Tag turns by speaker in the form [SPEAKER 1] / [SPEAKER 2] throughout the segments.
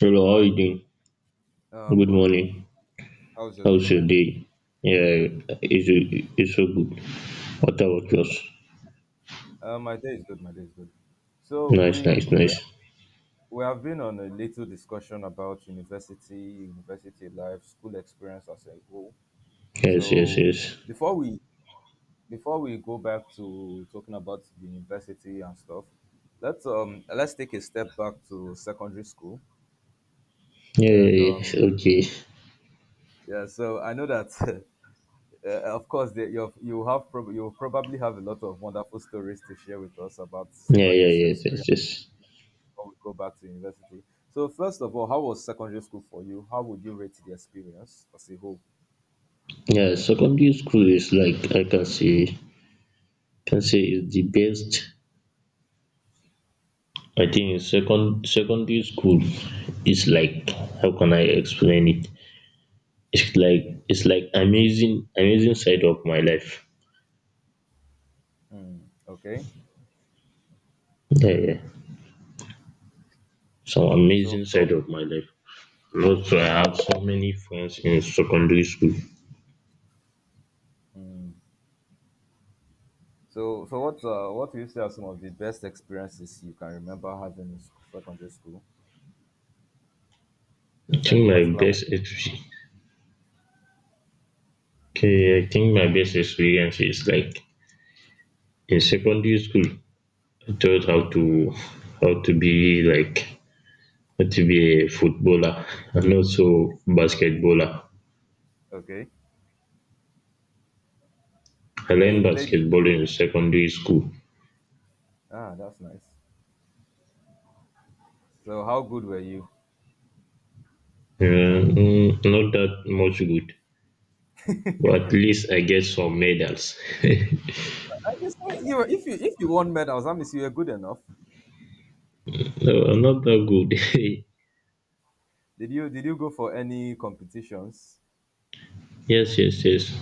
[SPEAKER 1] Hello, how
[SPEAKER 2] Hi,
[SPEAKER 1] you
[SPEAKER 2] good.
[SPEAKER 1] doing? Good
[SPEAKER 2] Good. I'm good.
[SPEAKER 1] morning.
[SPEAKER 2] How's your day
[SPEAKER 1] How's your
[SPEAKER 2] going?
[SPEAKER 1] day? Yeah, it's, it's so good. What about yours?
[SPEAKER 2] My day is good. My day is good. So
[SPEAKER 1] Nice, nice, nice.
[SPEAKER 2] we have been on a little discussion about university, university life, school experience as a whole.
[SPEAKER 1] Yes, yes,
[SPEAKER 2] So
[SPEAKER 1] yes.
[SPEAKER 2] before we before we go back to talking about the university and stuff, let's take a step back to secondary school
[SPEAKER 1] Yeah,
[SPEAKER 2] and
[SPEAKER 1] yeah, yes. Okay.
[SPEAKER 2] yeah. So I know that of course, you have, you probably have a lot of wonderful stories to share with us about
[SPEAKER 1] Yeah, yeah,
[SPEAKER 2] secondary school
[SPEAKER 1] yes, yes,
[SPEAKER 2] experience
[SPEAKER 1] yes.
[SPEAKER 2] before we go back to university. So, first of all, how was secondary school for you? How would you rate the experience as a whole?
[SPEAKER 1] Yeah, secondary school is like I can say, is the best. I think in secondary school is like how can I explain it? It's like amazing side of my life.
[SPEAKER 2] Hmm, okay,
[SPEAKER 1] Yeah, yeah. Some
[SPEAKER 2] so
[SPEAKER 1] amazing
[SPEAKER 2] so
[SPEAKER 1] side of my life. Also, I have so many friends in secondary school.
[SPEAKER 2] hmm, so what do you say are some of the best experiences you can remember having in secondary school?
[SPEAKER 1] I
[SPEAKER 2] Does
[SPEAKER 1] think
[SPEAKER 2] any
[SPEAKER 1] my
[SPEAKER 2] particular one?
[SPEAKER 1] best exp- Okay, I think my best experience is like in secondary school. I taught how to be like how to be a footballer and also basketballer.
[SPEAKER 2] Okay,
[SPEAKER 1] I
[SPEAKER 2] okay,
[SPEAKER 1] learned
[SPEAKER 2] you played.
[SPEAKER 1] basketball in secondary school.
[SPEAKER 2] Ah, that's nice. So, how good were you?
[SPEAKER 1] Not that much good, but at least I get some medals. No,
[SPEAKER 2] You say you were, if you won medals, that means you were good enough.
[SPEAKER 1] I'm not that good.
[SPEAKER 2] Did you go for any competitions?
[SPEAKER 1] Yes, yes, yes.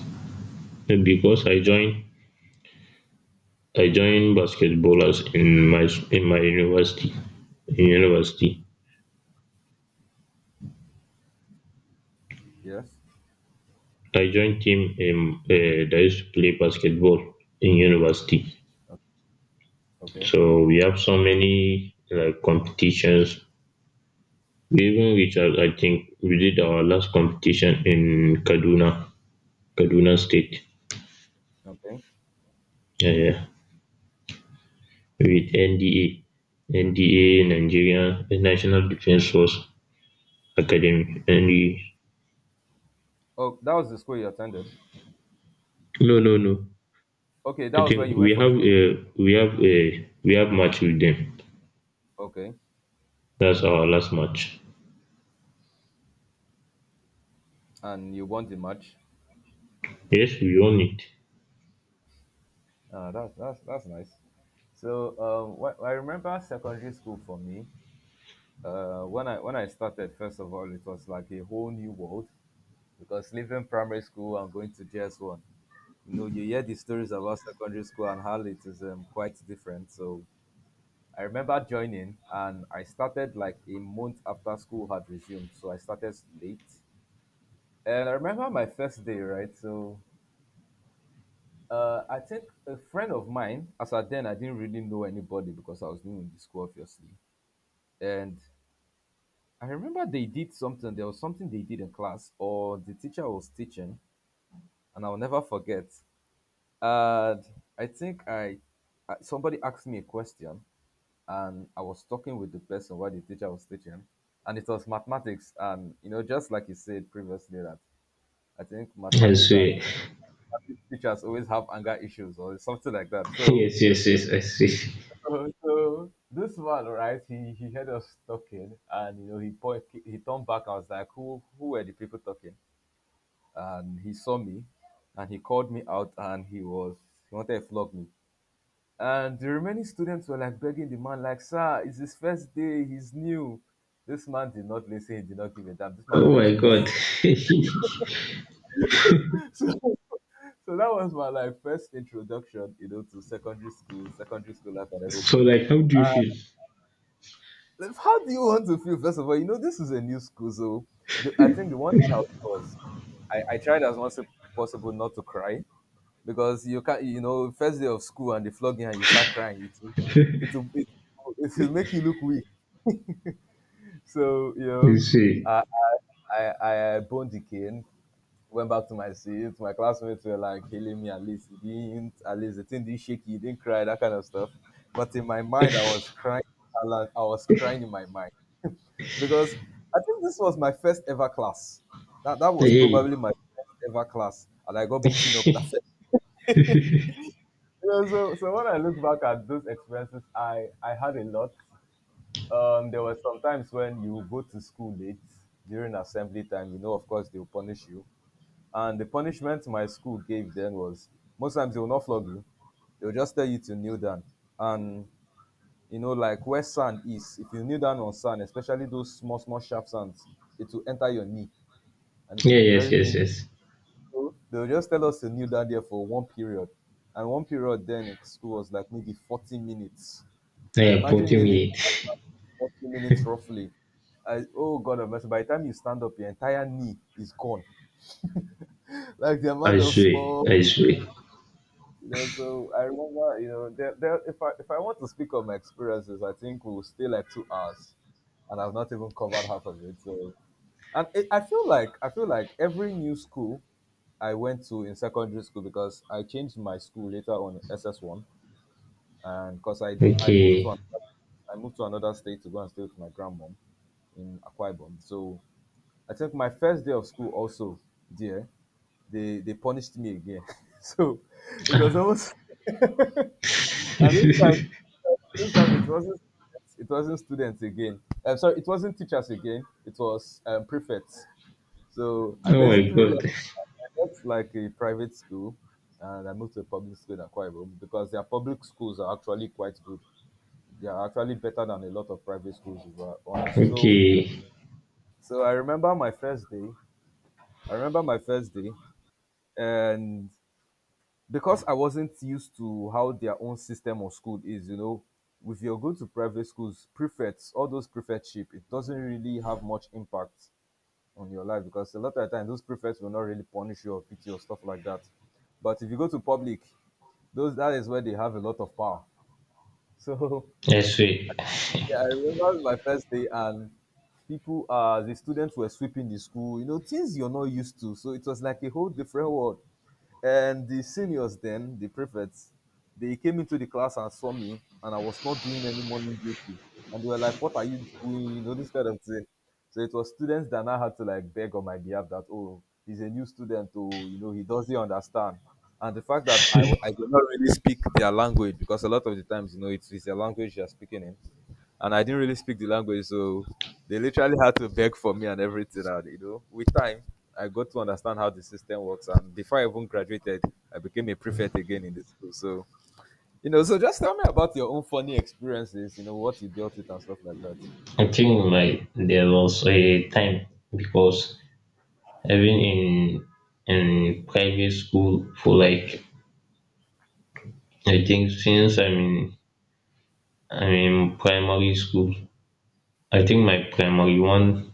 [SPEAKER 1] Because I joined basketballers in my university. In university,
[SPEAKER 2] Yes.
[SPEAKER 1] I joined team that used to play basketball in university.
[SPEAKER 2] Okay.
[SPEAKER 1] So we have so many like competitions. We even reached out. I think we did our last competition in Kaduna, Kaduna State.
[SPEAKER 2] Okay.
[SPEAKER 1] Yeah, yeah.
[SPEAKER 2] Hmm.
[SPEAKER 1] With NDA, NDA Nigeria National Defense Force Academy. And we,
[SPEAKER 2] Oh, that was the school you attended.
[SPEAKER 1] no, no, no.
[SPEAKER 2] Okay, that
[SPEAKER 1] I
[SPEAKER 2] was where
[SPEAKER 1] think
[SPEAKER 2] you went for. The,
[SPEAKER 1] we have match with them.
[SPEAKER 2] okay,
[SPEAKER 1] That's our last match.
[SPEAKER 2] and you won the match.
[SPEAKER 1] Yes, we won it.
[SPEAKER 2] Ah, that's that's nice. So I remember secondary school for me. When I started, first of all, it was like a whole new world because leaving primary school and going to JS one, you know, you hear the stories about secondary school and how it is quite different. So I remember joining and I started like a month after school had resumed. So I started late. And I remember my first day, right? So I think a friend of mine, as at then, I didn't really know anybody because I was new in the school, obviously. And I remember they did something, there was something they did in class, or the teacher was teaching, and I'll never forget. And I think I- somebody asked me a question and I was talking with the person while the teacher was teaching, and it was mathematics. And you know, just like you said previously, that I think
[SPEAKER 1] I
[SPEAKER 2] mathematics
[SPEAKER 1] swear.
[SPEAKER 2] and teachers always have anger issues or something like that. So,
[SPEAKER 1] Yes, yes, yes, I see.
[SPEAKER 2] this man, right? He heard us talking, and you know, he turned back. I was like, who were the people talking? And he saw me, and he called me out, and he wanted to flog me. And the remaining students were like begging the man, like, sir, it's his first day, he's new. This man did not listen, he did not give a damn. This man
[SPEAKER 1] Oh
[SPEAKER 2] beat
[SPEAKER 1] my
[SPEAKER 2] me.
[SPEAKER 1] god.
[SPEAKER 2] so, so that was my like first introduction, you know, to secondary school life and
[SPEAKER 1] So
[SPEAKER 2] everything.
[SPEAKER 1] like how do you feel?
[SPEAKER 2] Like, how do you want to feel? First of all, you know, this is a new school, so I think the one thing I would do was I tried as much as possible not to cry because you can't, you know, first day of school and they flog you and you start crying, it will, it it will make you look weak. So, you
[SPEAKER 1] You
[SPEAKER 2] know,
[SPEAKER 1] see.
[SPEAKER 2] I, I boned the cane, went back to my seat. My classmates were like hailing me, at least it didn't, at least the thing didn't shake you, didn't cry, that kind of stuff. But in my mind, I was crying. Alan, I was crying in my mind because I think this was my first ever class. That was
[SPEAKER 1] Hey.
[SPEAKER 2] probably my first ever class, and I got beaten up that first. You know, so when I look back at those experiences, I had a lot. There were some times when you go to school late during assembly time. You know, of course, they'll punish you. And the punishment my school gave them was most times they will not flog you. They will just tell you to kneel down. And you know, like where sand is, if you kneel down on sand, especially those small, small sharp sands, it will enter your knee and it will
[SPEAKER 1] Yeah,
[SPEAKER 2] be
[SPEAKER 1] yes,
[SPEAKER 2] very
[SPEAKER 1] yes,
[SPEAKER 2] painful.
[SPEAKER 1] yes.
[SPEAKER 2] So they will just tell us to kneel down there for one period. And one period then in school was like maybe 40 minutes. So
[SPEAKER 1] Yeah,
[SPEAKER 2] imagine
[SPEAKER 1] 40
[SPEAKER 2] nearly
[SPEAKER 1] minutes.
[SPEAKER 2] 40 minutes roughly. I, oh God of mercy, by the time you stand up, your entire knee is gone. Like the
[SPEAKER 1] I
[SPEAKER 2] amount of
[SPEAKER 1] swear.
[SPEAKER 2] small
[SPEAKER 1] I swear.
[SPEAKER 2] you know, so I remember, you know, if I want to speak of my experiences, I think we'll stay like 2 hours, and I've not even covered half of it. So, and it, I feel like every new school I went to in secondary school because I changed my school later on in SS one, and because I moved to
[SPEAKER 1] Okay.
[SPEAKER 2] I moved to another state to go and stay with my grandmom in Akwa Ibom. So I think my first day of school also there they punished me again. so it was almost and this time this time it wasn't students again. I'm sorry, it wasn't teachers again. It was prefects. So I
[SPEAKER 1] Oh my
[SPEAKER 2] basically
[SPEAKER 1] god.
[SPEAKER 2] I left like a private school, and I moved to a public school in Akwa Ibom because their public schools are actually quite good. They are actually better than a lot of private schools, if we're honest. So,
[SPEAKER 1] Okay.
[SPEAKER 2] so I remember my first day. I remember my first day, and because I wasn't used to how their own system of school is, you know, if you're going to private schools, prefects, all those prefectship, it doesn't really have much impact on your life because a lot of the time those prefects will not really punish you or pity you or stuff like that. But if you go to public, those that is where they have a lot of power. So
[SPEAKER 1] I swear.
[SPEAKER 2] yeah, I remember my first day and people the students were sweeping the school, you know, things you're not used to. So it was like a whole different world. And the seniors then, the prefects, they came into the class and saw me and I was not doing any morning duty. And they were like, what are you doing? You know, this kind of thing. So it was students that now had to like beg on my behalf that, oh, he's a new student, oh, you know, he doesn't understand. And the fact that I did not really speak their language because a lot of the times, you know, it's a language you're speaking in and I didn't really speak the language, so they literally had to beg for me and everything. And you know, with time, I got to understand how the system works. And before I even graduated, I became a prefect again in the school. So you know, so just tell me about your own funny experiences. You know, what you dealt with and stuff like that.
[SPEAKER 1] I think like there was a time, because even in private school for like, I think since I'm in primary school. I think my primary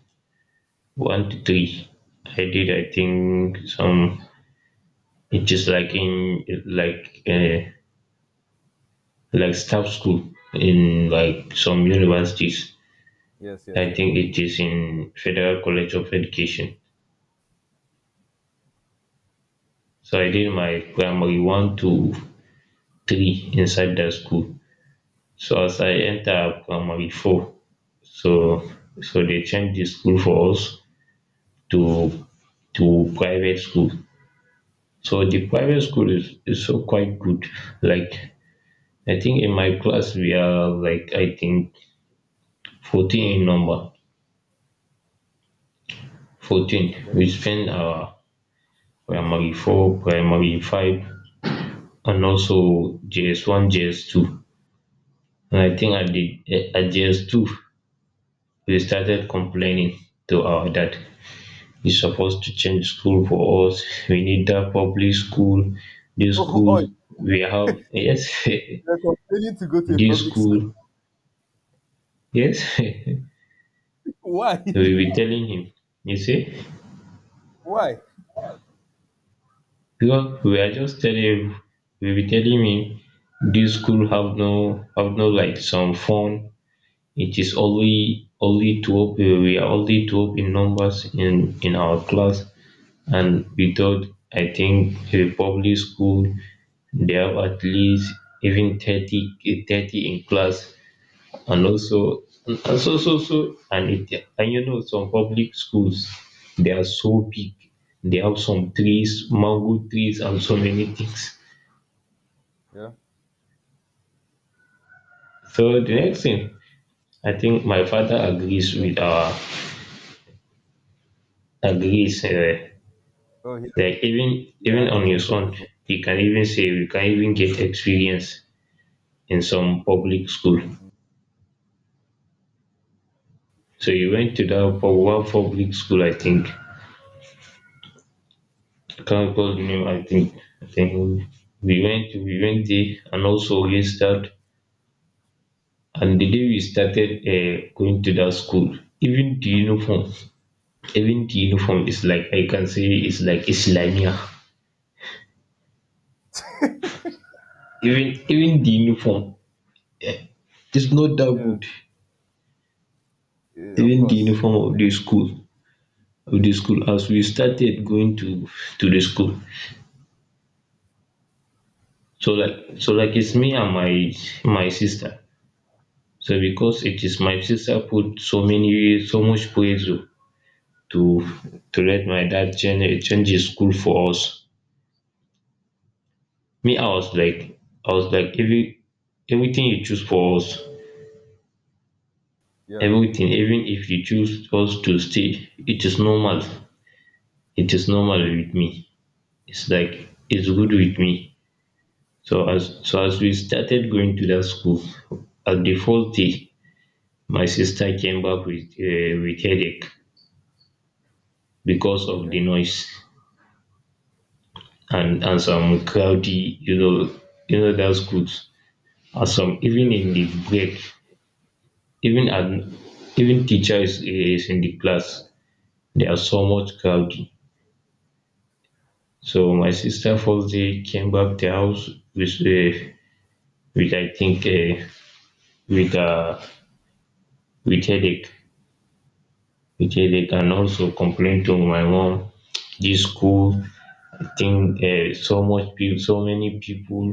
[SPEAKER 1] one to three. I think some — it is like in like like staff school in like some universities.
[SPEAKER 2] Yes, yes,
[SPEAKER 1] I
[SPEAKER 2] yes.
[SPEAKER 1] think it is in Federal College of Education, so I did
[SPEAKER 2] Okay,
[SPEAKER 1] my primary one to three inside that school. So as I enter primary four, So so they changed the school for us to to private school. So the private school is so quite good. Like, I think in my class we are like, I think, 14 in number. 14.
[SPEAKER 2] okay.
[SPEAKER 1] We spend our primary four, primary five, and also JS one, JS two. And I think at JS two we started complaining to our dad, is supposed to change school for us. We need that public school, this
[SPEAKER 2] Oh,
[SPEAKER 1] school
[SPEAKER 2] oh
[SPEAKER 1] we have, yes,
[SPEAKER 2] you're continuing to go to a
[SPEAKER 1] this
[SPEAKER 2] public school.
[SPEAKER 1] school, yes. We'll
[SPEAKER 2] Why?
[SPEAKER 1] be telling him, you see,
[SPEAKER 2] Why?
[SPEAKER 1] because we are just telling him, we'll be telling him this school have no like some fun. It is only 12. We are only 12 in numbers in our class, and we thought, I think, a public school, they have at least even 30 in class. And also, and so, and it, and you know, some public schools, they are so big, they have some trees, mango trees, and so many things.
[SPEAKER 2] Yeah,
[SPEAKER 1] So the next thing, I think my father agrees
[SPEAKER 2] yeah.
[SPEAKER 1] with our — agrees,
[SPEAKER 2] Oh, yeah,
[SPEAKER 1] like
[SPEAKER 2] yeah.
[SPEAKER 1] even
[SPEAKER 2] And he
[SPEAKER 1] on
[SPEAKER 2] changed
[SPEAKER 1] his
[SPEAKER 2] you
[SPEAKER 1] own,
[SPEAKER 2] people.
[SPEAKER 1] he can even say you can even get experience in some public school. So he went to that
[SPEAKER 2] Okay.
[SPEAKER 1] one public school. I think I can't call the name. I think, I think we went there and also registered. And the day we started going to that school, even the uniform, is like, I can say, it's like Islamia. Even the uniform is not that
[SPEAKER 2] Yeah.
[SPEAKER 1] good.
[SPEAKER 2] Eh, of
[SPEAKER 1] Even the
[SPEAKER 2] course.
[SPEAKER 1] uniform of the school, as we started going to the school. So like it's
[SPEAKER 2] Okay.
[SPEAKER 1] me and my sister. So because it is my sister put so much pressure to to let my dad change his school for us. Me, I was like, I was like, every everything you choose for us,
[SPEAKER 2] Yeah.
[SPEAKER 1] everything, even if you choose us to stay, it is normal. It is normal with me. It's like it's good
[SPEAKER 2] Mm.
[SPEAKER 1] with me. So as we started going to that school, at the first day, my sister came back with headache because of the
[SPEAKER 2] Okay.
[SPEAKER 1] noise, and some
[SPEAKER 2] Oh,
[SPEAKER 1] crowdy, you know that schools. Awesome. Even
[SPEAKER 2] yes,
[SPEAKER 1] in the
[SPEAKER 2] yes,
[SPEAKER 1] break, even an even teacher is in the class, they are so much crowded. So my sister, first day, came back the house with a with I think a with headache, and also complained to my mom. This school thing, so many people.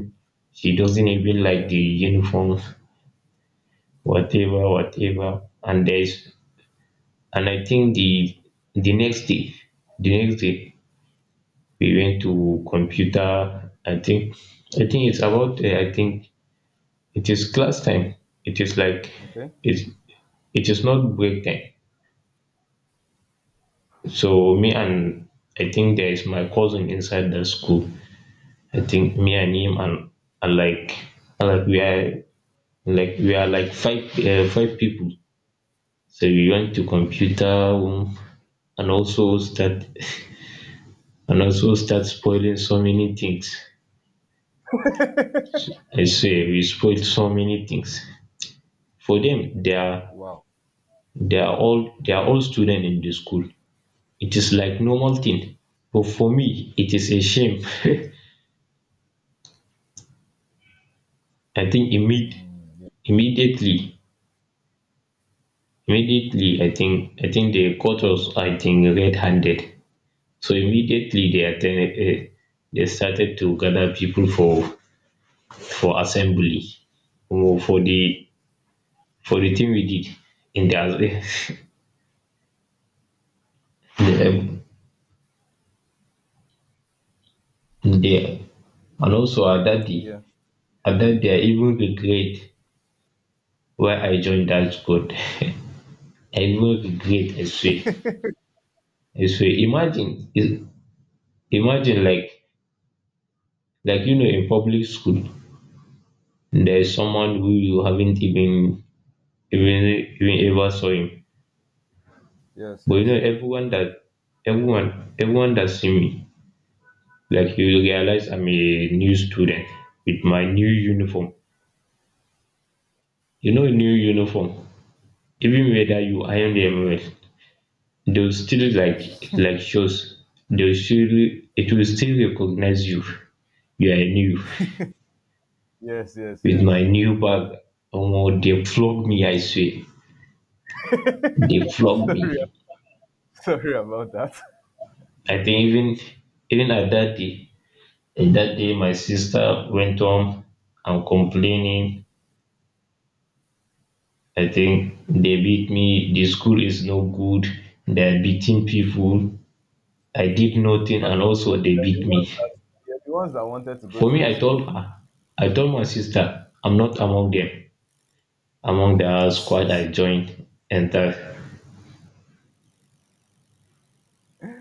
[SPEAKER 1] She doesn't even like
[SPEAKER 2] yes.
[SPEAKER 1] the uniforms, whatever, whatever. And I think the next day, the next day we went to computer. I think, it's about. I think it is class time. It is like
[SPEAKER 2] Okay.
[SPEAKER 1] it's it is not break time. So me and I think there is my cousin inside the school. I think me and him, and like and like we are like five people. So we went to computer room and also start, spoiling so many things. I say we spoiled so many things. For them,
[SPEAKER 2] Wow.
[SPEAKER 1] they are all students in the school. It is like normal thing. But for me, it is a shame. I think immediately, immediately, I think, they caught us. I think red-handed. So immediately they started to gather people for assembly, or for the thing we did in the — the um, there. And also, at that day,
[SPEAKER 2] Yeah.
[SPEAKER 1] and bet they even regret why I joined that squad. I even regret, I swear. I swear. Imagine, imagine like you know, in public school, there is someone who you haven't even, even ever saw him.
[SPEAKER 2] Yes,
[SPEAKER 1] But you know,
[SPEAKER 2] yes.
[SPEAKER 1] everyone that see me, like, you will realize I'm a new student with my new uniform. You know, new uniform. Even whether you iron them
[SPEAKER 2] Yeah.
[SPEAKER 1] well, they'll still like shows. They'll still It will still recognize you. You are new
[SPEAKER 2] Yes, yes,
[SPEAKER 1] with my
[SPEAKER 2] yes.
[SPEAKER 1] new bag. Omo, they flogged me. I swear, they flogged
[SPEAKER 2] Sorry,
[SPEAKER 1] me.
[SPEAKER 2] sorry about that.
[SPEAKER 1] I think even at that day, my sister went home and complaining. I think they beat me. The school is no good. They're beating people. I did nothing,
[SPEAKER 2] But,
[SPEAKER 1] and also
[SPEAKER 2] but
[SPEAKER 1] they
[SPEAKER 2] you're
[SPEAKER 1] beat
[SPEAKER 2] the
[SPEAKER 1] me.
[SPEAKER 2] ones that wanted to go
[SPEAKER 1] For
[SPEAKER 2] to
[SPEAKER 1] me,
[SPEAKER 2] the
[SPEAKER 1] I
[SPEAKER 2] school.
[SPEAKER 1] told her, I told my sister, I'm not among them, among the squad I joined and that.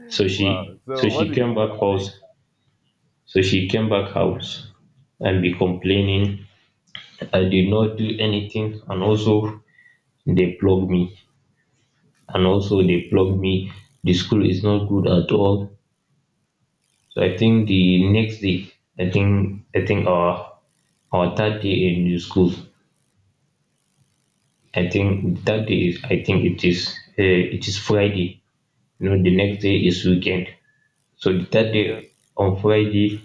[SPEAKER 2] Wow.
[SPEAKER 1] So
[SPEAKER 2] So what
[SPEAKER 1] she
[SPEAKER 2] did the
[SPEAKER 1] came back
[SPEAKER 2] other
[SPEAKER 1] house.
[SPEAKER 2] say?
[SPEAKER 1] So she came back house and be complaining. I did not do anything, and also they plugged me, and also they plugged me. The school is not good at all. So I think the next day, I think, our third day in the school. I think that day is, I think it is Friday. You know, the next day is weekend. So the third
[SPEAKER 2] Yes.
[SPEAKER 1] day on Friday,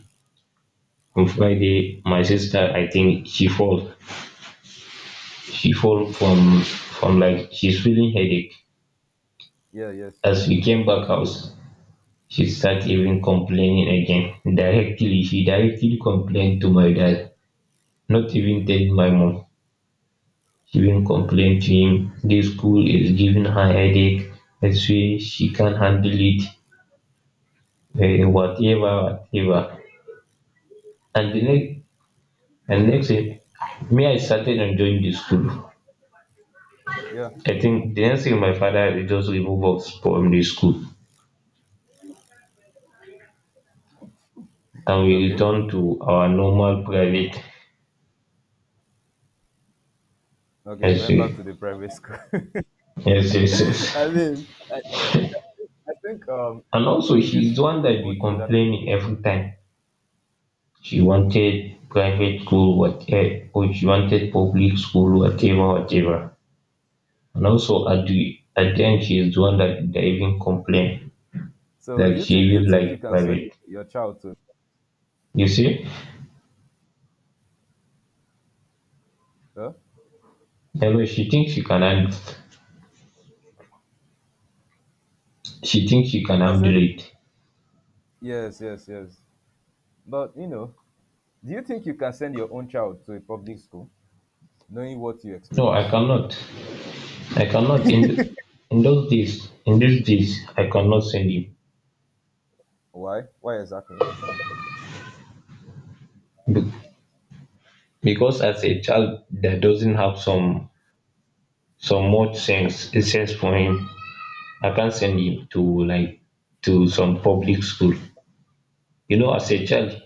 [SPEAKER 1] my sister, I think, she
[SPEAKER 2] Hmm.
[SPEAKER 1] fall from, like, she's feeling headache,
[SPEAKER 2] Yeah.
[SPEAKER 1] as
[SPEAKER 2] Yes.
[SPEAKER 1] we came back house. She start even complaining again, directly complained to my dad, not even tell my mom. She even complained to him, this school is giving her headache, and say she can't handle it, whatever, whatever, and the next and next thing, me, I started enjoying the school.
[SPEAKER 2] Yeah.
[SPEAKER 1] I think the next thing my father did, just remove us from the school, and we
[SPEAKER 2] Okay.
[SPEAKER 1] returned to our normal private.
[SPEAKER 2] Okay.
[SPEAKER 1] Yes,
[SPEAKER 2] Went
[SPEAKER 1] yes,
[SPEAKER 2] back to the private school.
[SPEAKER 1] yes, yes.
[SPEAKER 2] I
[SPEAKER 1] Yes.
[SPEAKER 2] mean, I think
[SPEAKER 1] And also,
[SPEAKER 2] everybody needs
[SPEAKER 1] she's the one
[SPEAKER 2] to
[SPEAKER 1] that
[SPEAKER 2] go
[SPEAKER 1] be
[SPEAKER 2] through that.
[SPEAKER 1] complaining every time. She wanted private school, whatever, or she wanted public school, whatever, whatever. And also, at the end, she's the one that, even complained
[SPEAKER 2] So
[SPEAKER 1] that she
[SPEAKER 2] do you
[SPEAKER 1] even
[SPEAKER 2] think you
[SPEAKER 1] like
[SPEAKER 2] can send
[SPEAKER 1] private.
[SPEAKER 2] your child to?
[SPEAKER 1] You see?
[SPEAKER 2] Huh?
[SPEAKER 1] Anyway, she thinks she can
[SPEAKER 2] I
[SPEAKER 1] handle
[SPEAKER 2] said
[SPEAKER 1] it.
[SPEAKER 2] yes, yes, yes. But you know, do you think you can send your own child to a public school knowing what you
[SPEAKER 1] No, I
[SPEAKER 2] experience?
[SPEAKER 1] cannot. I cannot endorse this. I cannot send him.
[SPEAKER 2] Why? Why exactly?
[SPEAKER 1] Be- because, as a child that doesn't have some much sense for him, I can't send him to, like, to some public school. You know, as a
[SPEAKER 2] Mm,
[SPEAKER 1] child,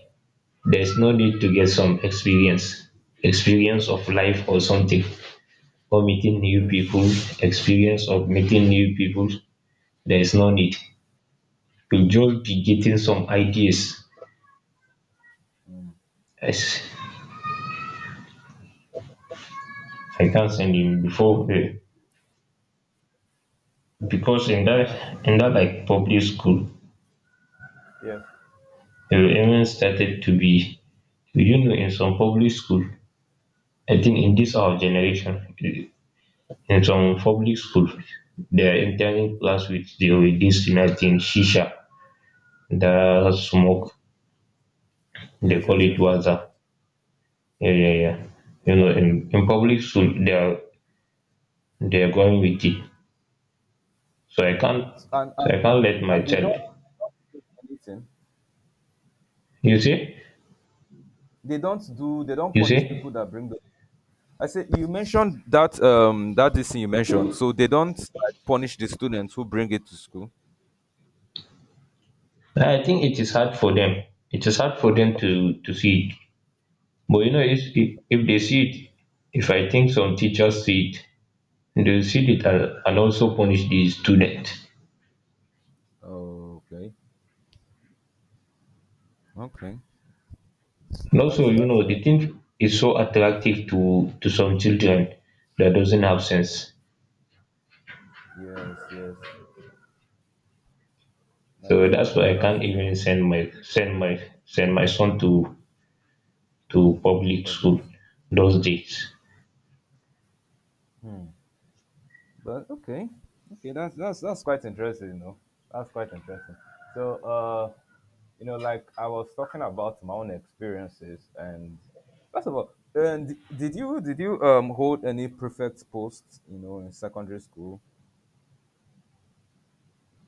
[SPEAKER 1] there's no need to get some experience, experience of life or something, or meeting new
[SPEAKER 2] yes.
[SPEAKER 1] people, experience of meeting new people. There is no need. You'll just be getting some ideas.
[SPEAKER 2] Mm,
[SPEAKER 1] Yes, I can't send him before. Because
[SPEAKER 2] that's true.
[SPEAKER 1] in that like public school
[SPEAKER 2] Yes.
[SPEAKER 1] you even started to be, you know, in some public school, I think in this our generation, in some public school they are entering class with the with this thing, I think, shisha, that smoke, they
[SPEAKER 2] Yes,
[SPEAKER 1] call
[SPEAKER 2] yes,
[SPEAKER 1] it
[SPEAKER 2] yes.
[SPEAKER 1] waza. Yeah, yeah, yeah, you know, in public school they are, they are going with it. So I can't,
[SPEAKER 2] And
[SPEAKER 1] so
[SPEAKER 2] and,
[SPEAKER 1] I can't let my
[SPEAKER 2] and they
[SPEAKER 1] child,
[SPEAKER 2] don't do anything.
[SPEAKER 1] you see,
[SPEAKER 2] They don't do. They don't
[SPEAKER 1] you
[SPEAKER 2] punish
[SPEAKER 1] see,
[SPEAKER 2] people that bring the. I said you mentioned that that this thing you mentioned. So they don't like punish the students who bring it to school.
[SPEAKER 1] I think it is hard for them, it is hard for them to see. But you know, if they see it, if I think some teachers see it, they'll see it and also punish the student.
[SPEAKER 2] Okay. Okay.
[SPEAKER 1] And also,
[SPEAKER 2] That's
[SPEAKER 1] you
[SPEAKER 2] that's
[SPEAKER 1] know, the thing is so attractive to some children that doesn't have sense.
[SPEAKER 2] yes yes.
[SPEAKER 1] So
[SPEAKER 2] That's
[SPEAKER 1] that's
[SPEAKER 2] that's
[SPEAKER 1] why I
[SPEAKER 2] that's
[SPEAKER 1] can't even
[SPEAKER 2] true.
[SPEAKER 1] send my send my son to
[SPEAKER 2] In
[SPEAKER 1] public
[SPEAKER 2] public,
[SPEAKER 1] school
[SPEAKER 2] s-
[SPEAKER 1] those days.
[SPEAKER 2] but okay, okay, that's that's quite interesting, you know. That's quite interesting. So, you know, like I was talking about my own experiences, and first of all, and did you hold any prefect posts, you know, in secondary school?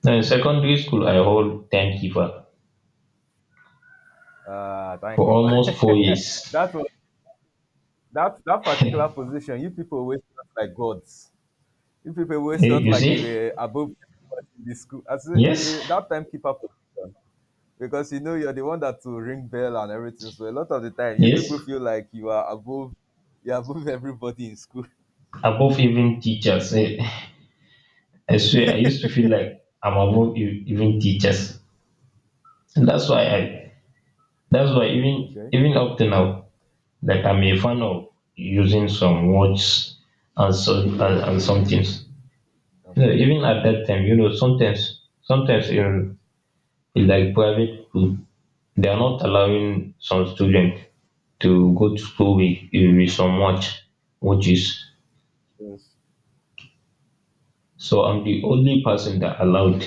[SPEAKER 1] Now in secondary school, I hold timekeeper
[SPEAKER 2] Thank
[SPEAKER 1] for
[SPEAKER 2] you for
[SPEAKER 1] almost four years.
[SPEAKER 2] that was that particular position. You people always felt like gods. You people always
[SPEAKER 1] Eh,
[SPEAKER 2] felt
[SPEAKER 1] you
[SPEAKER 2] like you
[SPEAKER 1] see?
[SPEAKER 2] were above everybody in the school. As
[SPEAKER 1] Yes,
[SPEAKER 2] a, that timekeeper position. Because you know you're the one that will ring bell and everything. So a lot of the time, you
[SPEAKER 1] yes,
[SPEAKER 2] people feel like you are above, you're above everybody in school.
[SPEAKER 1] above even teachers. Eh. I swear I used to feel like I'm above even teachers. And that's why even
[SPEAKER 2] Okay,
[SPEAKER 1] even up to now, like I'm a fan of using some words and some things. You know,
[SPEAKER 2] okay.
[SPEAKER 1] even at that time, you know, sometimes sometimes in like private school, they are not allowing some students to go to school with some watches.
[SPEAKER 2] Yes.
[SPEAKER 1] So I'm the only person that allowed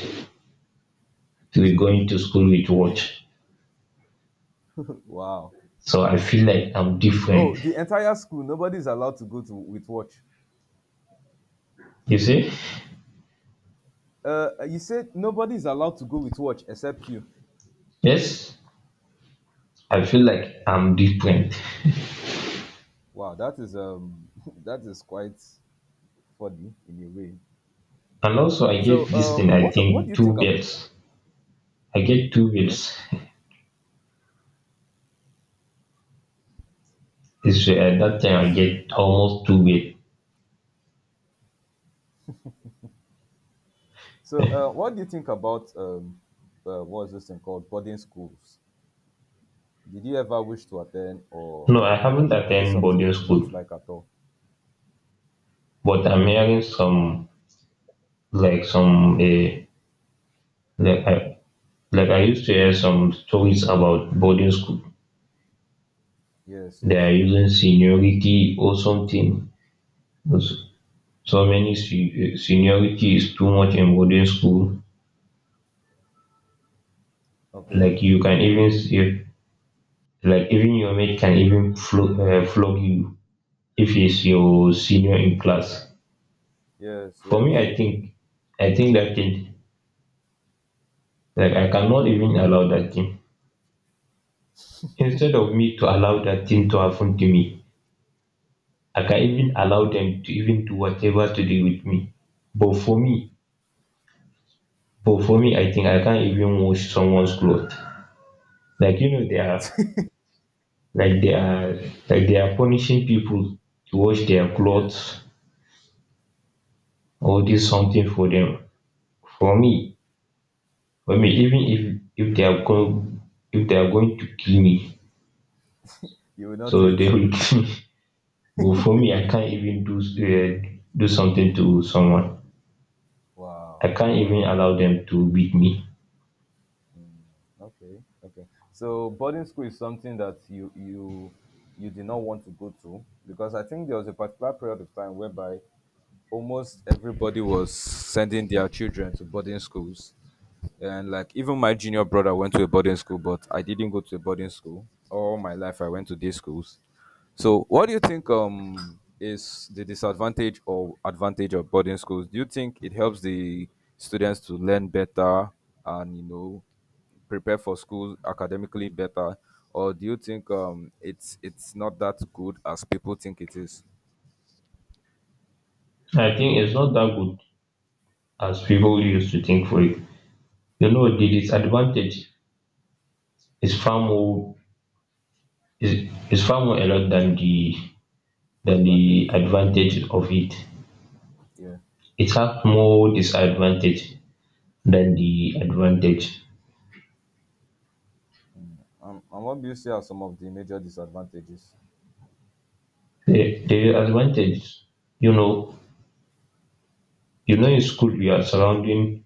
[SPEAKER 1] to be
[SPEAKER 2] So
[SPEAKER 1] going to school with watch.
[SPEAKER 2] wow.
[SPEAKER 1] So I feel like I'm
[SPEAKER 2] Oh,
[SPEAKER 1] different.
[SPEAKER 2] the entire school, nobody's allowed to go to with watch.
[SPEAKER 1] You see?
[SPEAKER 2] You said nobody's allowed to go with watch except you.
[SPEAKER 1] Yes, I feel like I'm different.
[SPEAKER 2] Wow, that is that is quite funny in a way.
[SPEAKER 1] And also, I get
[SPEAKER 2] So
[SPEAKER 1] this thing, I
[SPEAKER 2] what do
[SPEAKER 1] think,
[SPEAKER 2] you
[SPEAKER 1] two
[SPEAKER 2] think about,
[SPEAKER 1] birds. I get two
[SPEAKER 2] yes?
[SPEAKER 1] birds. This way, that time, I
[SPEAKER 2] So,
[SPEAKER 1] get almost two birds.
[SPEAKER 2] so, what do you think about, what's this thing called boarding schools? Did you ever wish to attend,
[SPEAKER 1] No, I
[SPEAKER 2] or
[SPEAKER 1] haven't
[SPEAKER 2] was it
[SPEAKER 1] attended
[SPEAKER 2] something
[SPEAKER 1] boarding
[SPEAKER 2] you did
[SPEAKER 1] school,
[SPEAKER 2] not like at all?
[SPEAKER 1] but I'm hearing some, like, some, uh, like, I, like, I used to hear some stories about boarding school.
[SPEAKER 2] Yes,
[SPEAKER 1] They are
[SPEAKER 2] yes.
[SPEAKER 1] using seniority or something. Those- So many seniority is too much in boarding school.
[SPEAKER 2] Okay.
[SPEAKER 1] Like, you can even see, like, even your mate can even flog you if he's your senior in class.
[SPEAKER 2] Yes,
[SPEAKER 1] For me,
[SPEAKER 2] yes,
[SPEAKER 1] I think, that thing, like, I cannot even allow that thing. Instead of me to allow that thing to happen to me, I can even allow them to even do whatever to do with me. But for me, but for me, I think I can't even wash someone's clothes. Like, you know, they are, like they are like they are punishing people to wash their
[SPEAKER 2] yes.
[SPEAKER 1] clothes or do something for them. For me, I mean, even if they are going, if they are going to kill me,
[SPEAKER 2] You will not do
[SPEAKER 1] so
[SPEAKER 2] it.
[SPEAKER 1] they will kill me, but for me I can't even do do something to someone. I
[SPEAKER 2] Wow,
[SPEAKER 1] can't even
[SPEAKER 2] wow.
[SPEAKER 1] allow them to beat me.
[SPEAKER 2] Okay, okay. So boarding school is something that you did not want to go to, because I think there was a particular period of time whereby almost everybody was sending their children to boarding schools. And like even my junior brother went to a boarding school, but I didn't go to a boarding school. All my life I went to day schools. So what do you think is the disadvantage or advantage of boarding schools? Do you think it helps the students to learn better and prepare for school academically better? Or do you think it's not that good as people think it is?
[SPEAKER 1] I think it's not that good as people used to think for it. You know, the disadvantage is far more, is far more a lot than the, than the
[SPEAKER 2] Advantages.
[SPEAKER 1] advantage of it.
[SPEAKER 2] Yeah.
[SPEAKER 1] It has more disadvantage than the advantage.
[SPEAKER 2] And what do you see are some of the major disadvantages?
[SPEAKER 1] The advantage, you know, you know in school you are surrounding,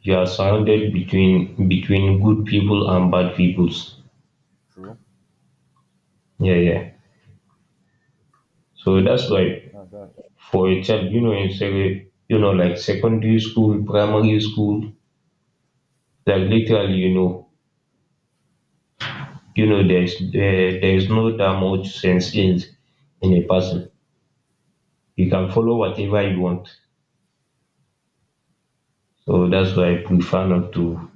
[SPEAKER 1] you are surrounded between between good people and bad peoples.
[SPEAKER 2] True.
[SPEAKER 1] Yeah, yeah, so that's why
[SPEAKER 2] That's that.
[SPEAKER 1] for a child, you know, in you know, like, secondary school, primary school, like, literally, you know, you know there's there is no that much sense in a
[SPEAKER 2] Yeah.
[SPEAKER 1] person. You can follow whatever you want. So that's
[SPEAKER 2] And that,
[SPEAKER 1] why I prefer not to,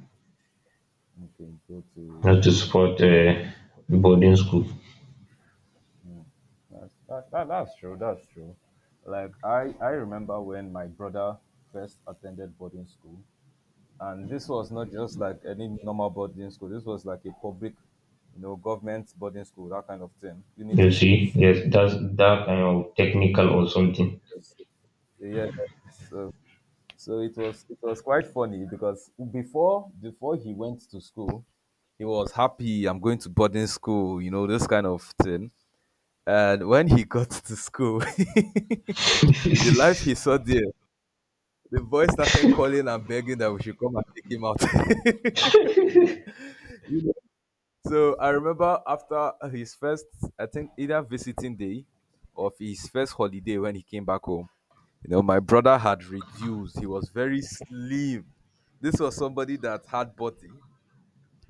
[SPEAKER 2] okay, go to,
[SPEAKER 1] not to support boarding school.
[SPEAKER 2] hmm, that's that, that's true. That's true. Like I remember when my brother first attended boarding school, and this was not just like any normal boarding school. This was like a public, government boarding school, that kind of thing.
[SPEAKER 1] You
[SPEAKER 2] Unity
[SPEAKER 1] see?
[SPEAKER 2] schools.
[SPEAKER 1] Yes, that's that kind of technical or something.
[SPEAKER 2] Yeah. So, so, it was quite funny because before he went to school, he was happy. I'm going to boarding school. You know this kind of thing. And when he got to school, the life he saw there, the boy started calling and begging that we should come and take him out. You know, so I remember after his first, I think, either visiting day or his first holiday when he came back home, my brother had reduced. He was very slim. This was somebody that had body,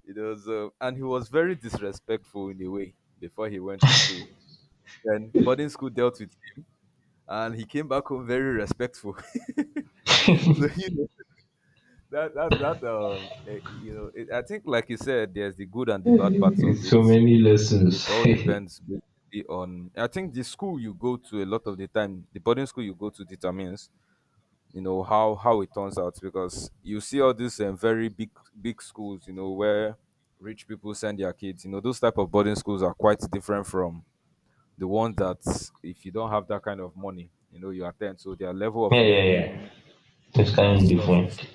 [SPEAKER 2] you know, so, and he was very disrespectful in a way before he went to school. Then boarding school dealt with, and he came back home very respectful. So you know that it, I think, like you said, there's the good and the bad parts of it.
[SPEAKER 1] So many lessons.
[SPEAKER 2] It all
[SPEAKER 1] Yeah,
[SPEAKER 2] depends basically on, I think, the school you go to a lot of the time. The boarding school you go to determines, you know, how it turns out, because you see all these very big schools, you know, where rich people send their kids. Those type of boarding schools are quite different from the ones that, if you don't have that kind of money, you attend. So their level of
[SPEAKER 1] yeah, yeah.
[SPEAKER 2] learning
[SPEAKER 1] It's
[SPEAKER 2] and
[SPEAKER 1] kind of
[SPEAKER 2] stuff is,
[SPEAKER 1] different.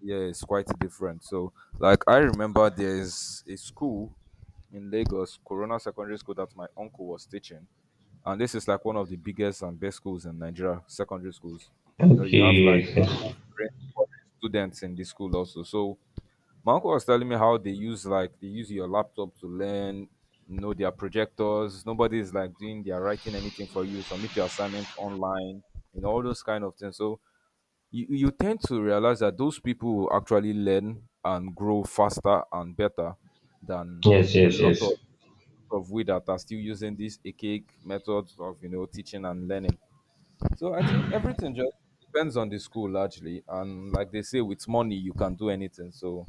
[SPEAKER 2] yeah, it's quite different. So, like I remember there's a school in Lagos, Corona Secondary School, that my uncle was teaching. And this is like one of the biggest and best schools in Nigeria, secondary schools. You know,
[SPEAKER 1] Okay,
[SPEAKER 2] you have like
[SPEAKER 1] yes, yes,
[SPEAKER 2] foreign students in the school also. So my uncle was telling me how they use your laptop to learn, you know, their projectors. Nobody is like doing their writing anything for you. Submit your assignments online and all those kind of things. So you tend to realize that those people will actually learn and grow faster and better than
[SPEAKER 1] yes,
[SPEAKER 2] a
[SPEAKER 1] yes,
[SPEAKER 2] lot of
[SPEAKER 1] yes.
[SPEAKER 2] of we that are still using these archaic methods of, teaching and learning. So I think everything just depends on the school largely, and like they say, with money you can do anything. So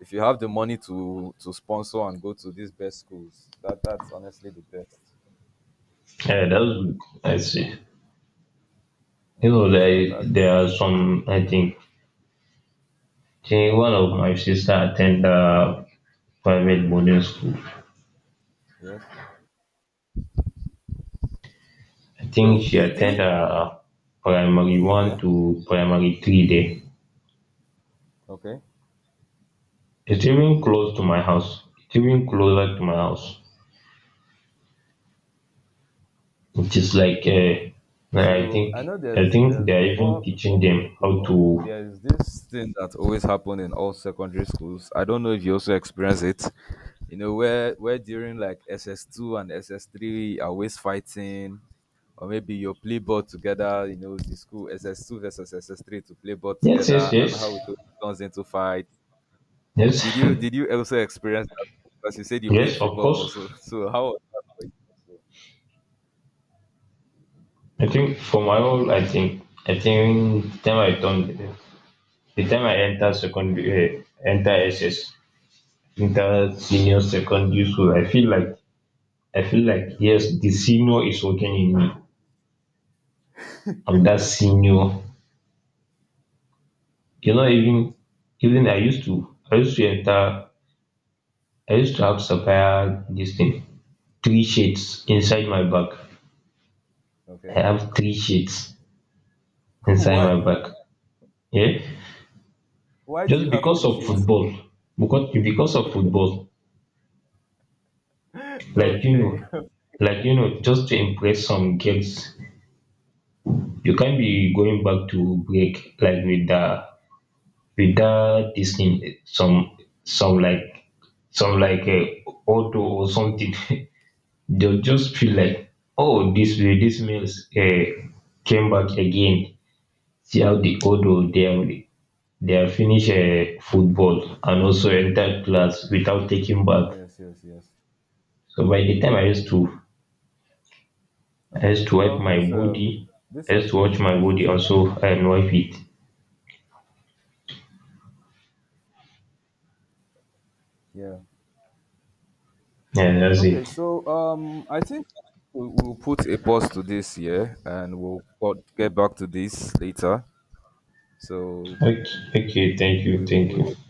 [SPEAKER 2] if you have the money to sponsor and go to these best schools, that's honestly the best.
[SPEAKER 1] Yeah, that was good. I see. You know,
[SPEAKER 2] That's that,
[SPEAKER 1] there
[SPEAKER 2] that's,
[SPEAKER 1] there are some, I think. One of my sister attend a private boarding school.
[SPEAKER 2] yes.
[SPEAKER 1] I think
[SPEAKER 2] So
[SPEAKER 1] she
[SPEAKER 2] did
[SPEAKER 1] attend
[SPEAKER 2] you?
[SPEAKER 1] a primary one
[SPEAKER 2] Yeah.
[SPEAKER 1] to primary three there.
[SPEAKER 2] Okay.
[SPEAKER 1] It's even close to my house. It's even closer to my house. It is like, I
[SPEAKER 2] So I
[SPEAKER 1] think,
[SPEAKER 2] know there's there's
[SPEAKER 1] they are even
[SPEAKER 2] before
[SPEAKER 1] teaching
[SPEAKER 2] before we
[SPEAKER 1] them
[SPEAKER 2] go
[SPEAKER 1] how
[SPEAKER 2] off,
[SPEAKER 1] to.
[SPEAKER 2] there's this thing that always happen in all secondary schools. I don't know if you also experience it. You know, where during, like, SS2 and SS3 are always fighting, or maybe you play ball together, you know, the school SS2 versus SS3 to play ball
[SPEAKER 1] Yes, yes,
[SPEAKER 2] together, and
[SPEAKER 1] yes,
[SPEAKER 2] how it always turns into fight. Did
[SPEAKER 1] yes,
[SPEAKER 2] you did you also experience that? Because you said you played
[SPEAKER 1] yes. Of
[SPEAKER 2] football
[SPEAKER 1] course,
[SPEAKER 2] also. So how was that for you also?
[SPEAKER 1] I think for my role, I think, the time I done, the time I enter secondary, enter SS, enter senior secondary school, I feel like, yes, the senior is working in me. I'm that senior. You know, even, even I used to, I used to enter. I used to have supplier this thing, three shades inside my bag. I
[SPEAKER 2] Okay.
[SPEAKER 1] have three shades inside
[SPEAKER 2] Why?
[SPEAKER 1] my bag. Yeah,
[SPEAKER 2] Why do you
[SPEAKER 1] just
[SPEAKER 2] have
[SPEAKER 1] because
[SPEAKER 2] three
[SPEAKER 1] of
[SPEAKER 2] shades?
[SPEAKER 1] football, because of football, like, you
[SPEAKER 2] Okay.
[SPEAKER 1] know, like, you know, just to impress some girls. You can't be going back to break like with the, with the this thing, some, some like some like a auto or something. They'll just feel like, oh, this way, this males came back again. See how the auto they are. They finish football and also enter class without taking bath.
[SPEAKER 2] Yes, yes, yes.
[SPEAKER 1] So by the time I used to, I used
[SPEAKER 2] Okay.
[SPEAKER 1] to wipe
[SPEAKER 2] Well,
[SPEAKER 1] my
[SPEAKER 2] this
[SPEAKER 1] body,
[SPEAKER 2] um this
[SPEAKER 1] I
[SPEAKER 2] has
[SPEAKER 1] used to watch
[SPEAKER 2] been
[SPEAKER 1] my
[SPEAKER 2] nice. This
[SPEAKER 1] body
[SPEAKER 2] has,
[SPEAKER 1] also and wipe it.
[SPEAKER 2] yeah.
[SPEAKER 1] Yeah, that's
[SPEAKER 2] Okay,
[SPEAKER 1] it.
[SPEAKER 2] so I think we'll put a pause to this here, and we'll get back to this later. So
[SPEAKER 1] Okay, okay, thank you, thank
[SPEAKER 2] we
[SPEAKER 1] you.
[SPEAKER 2] will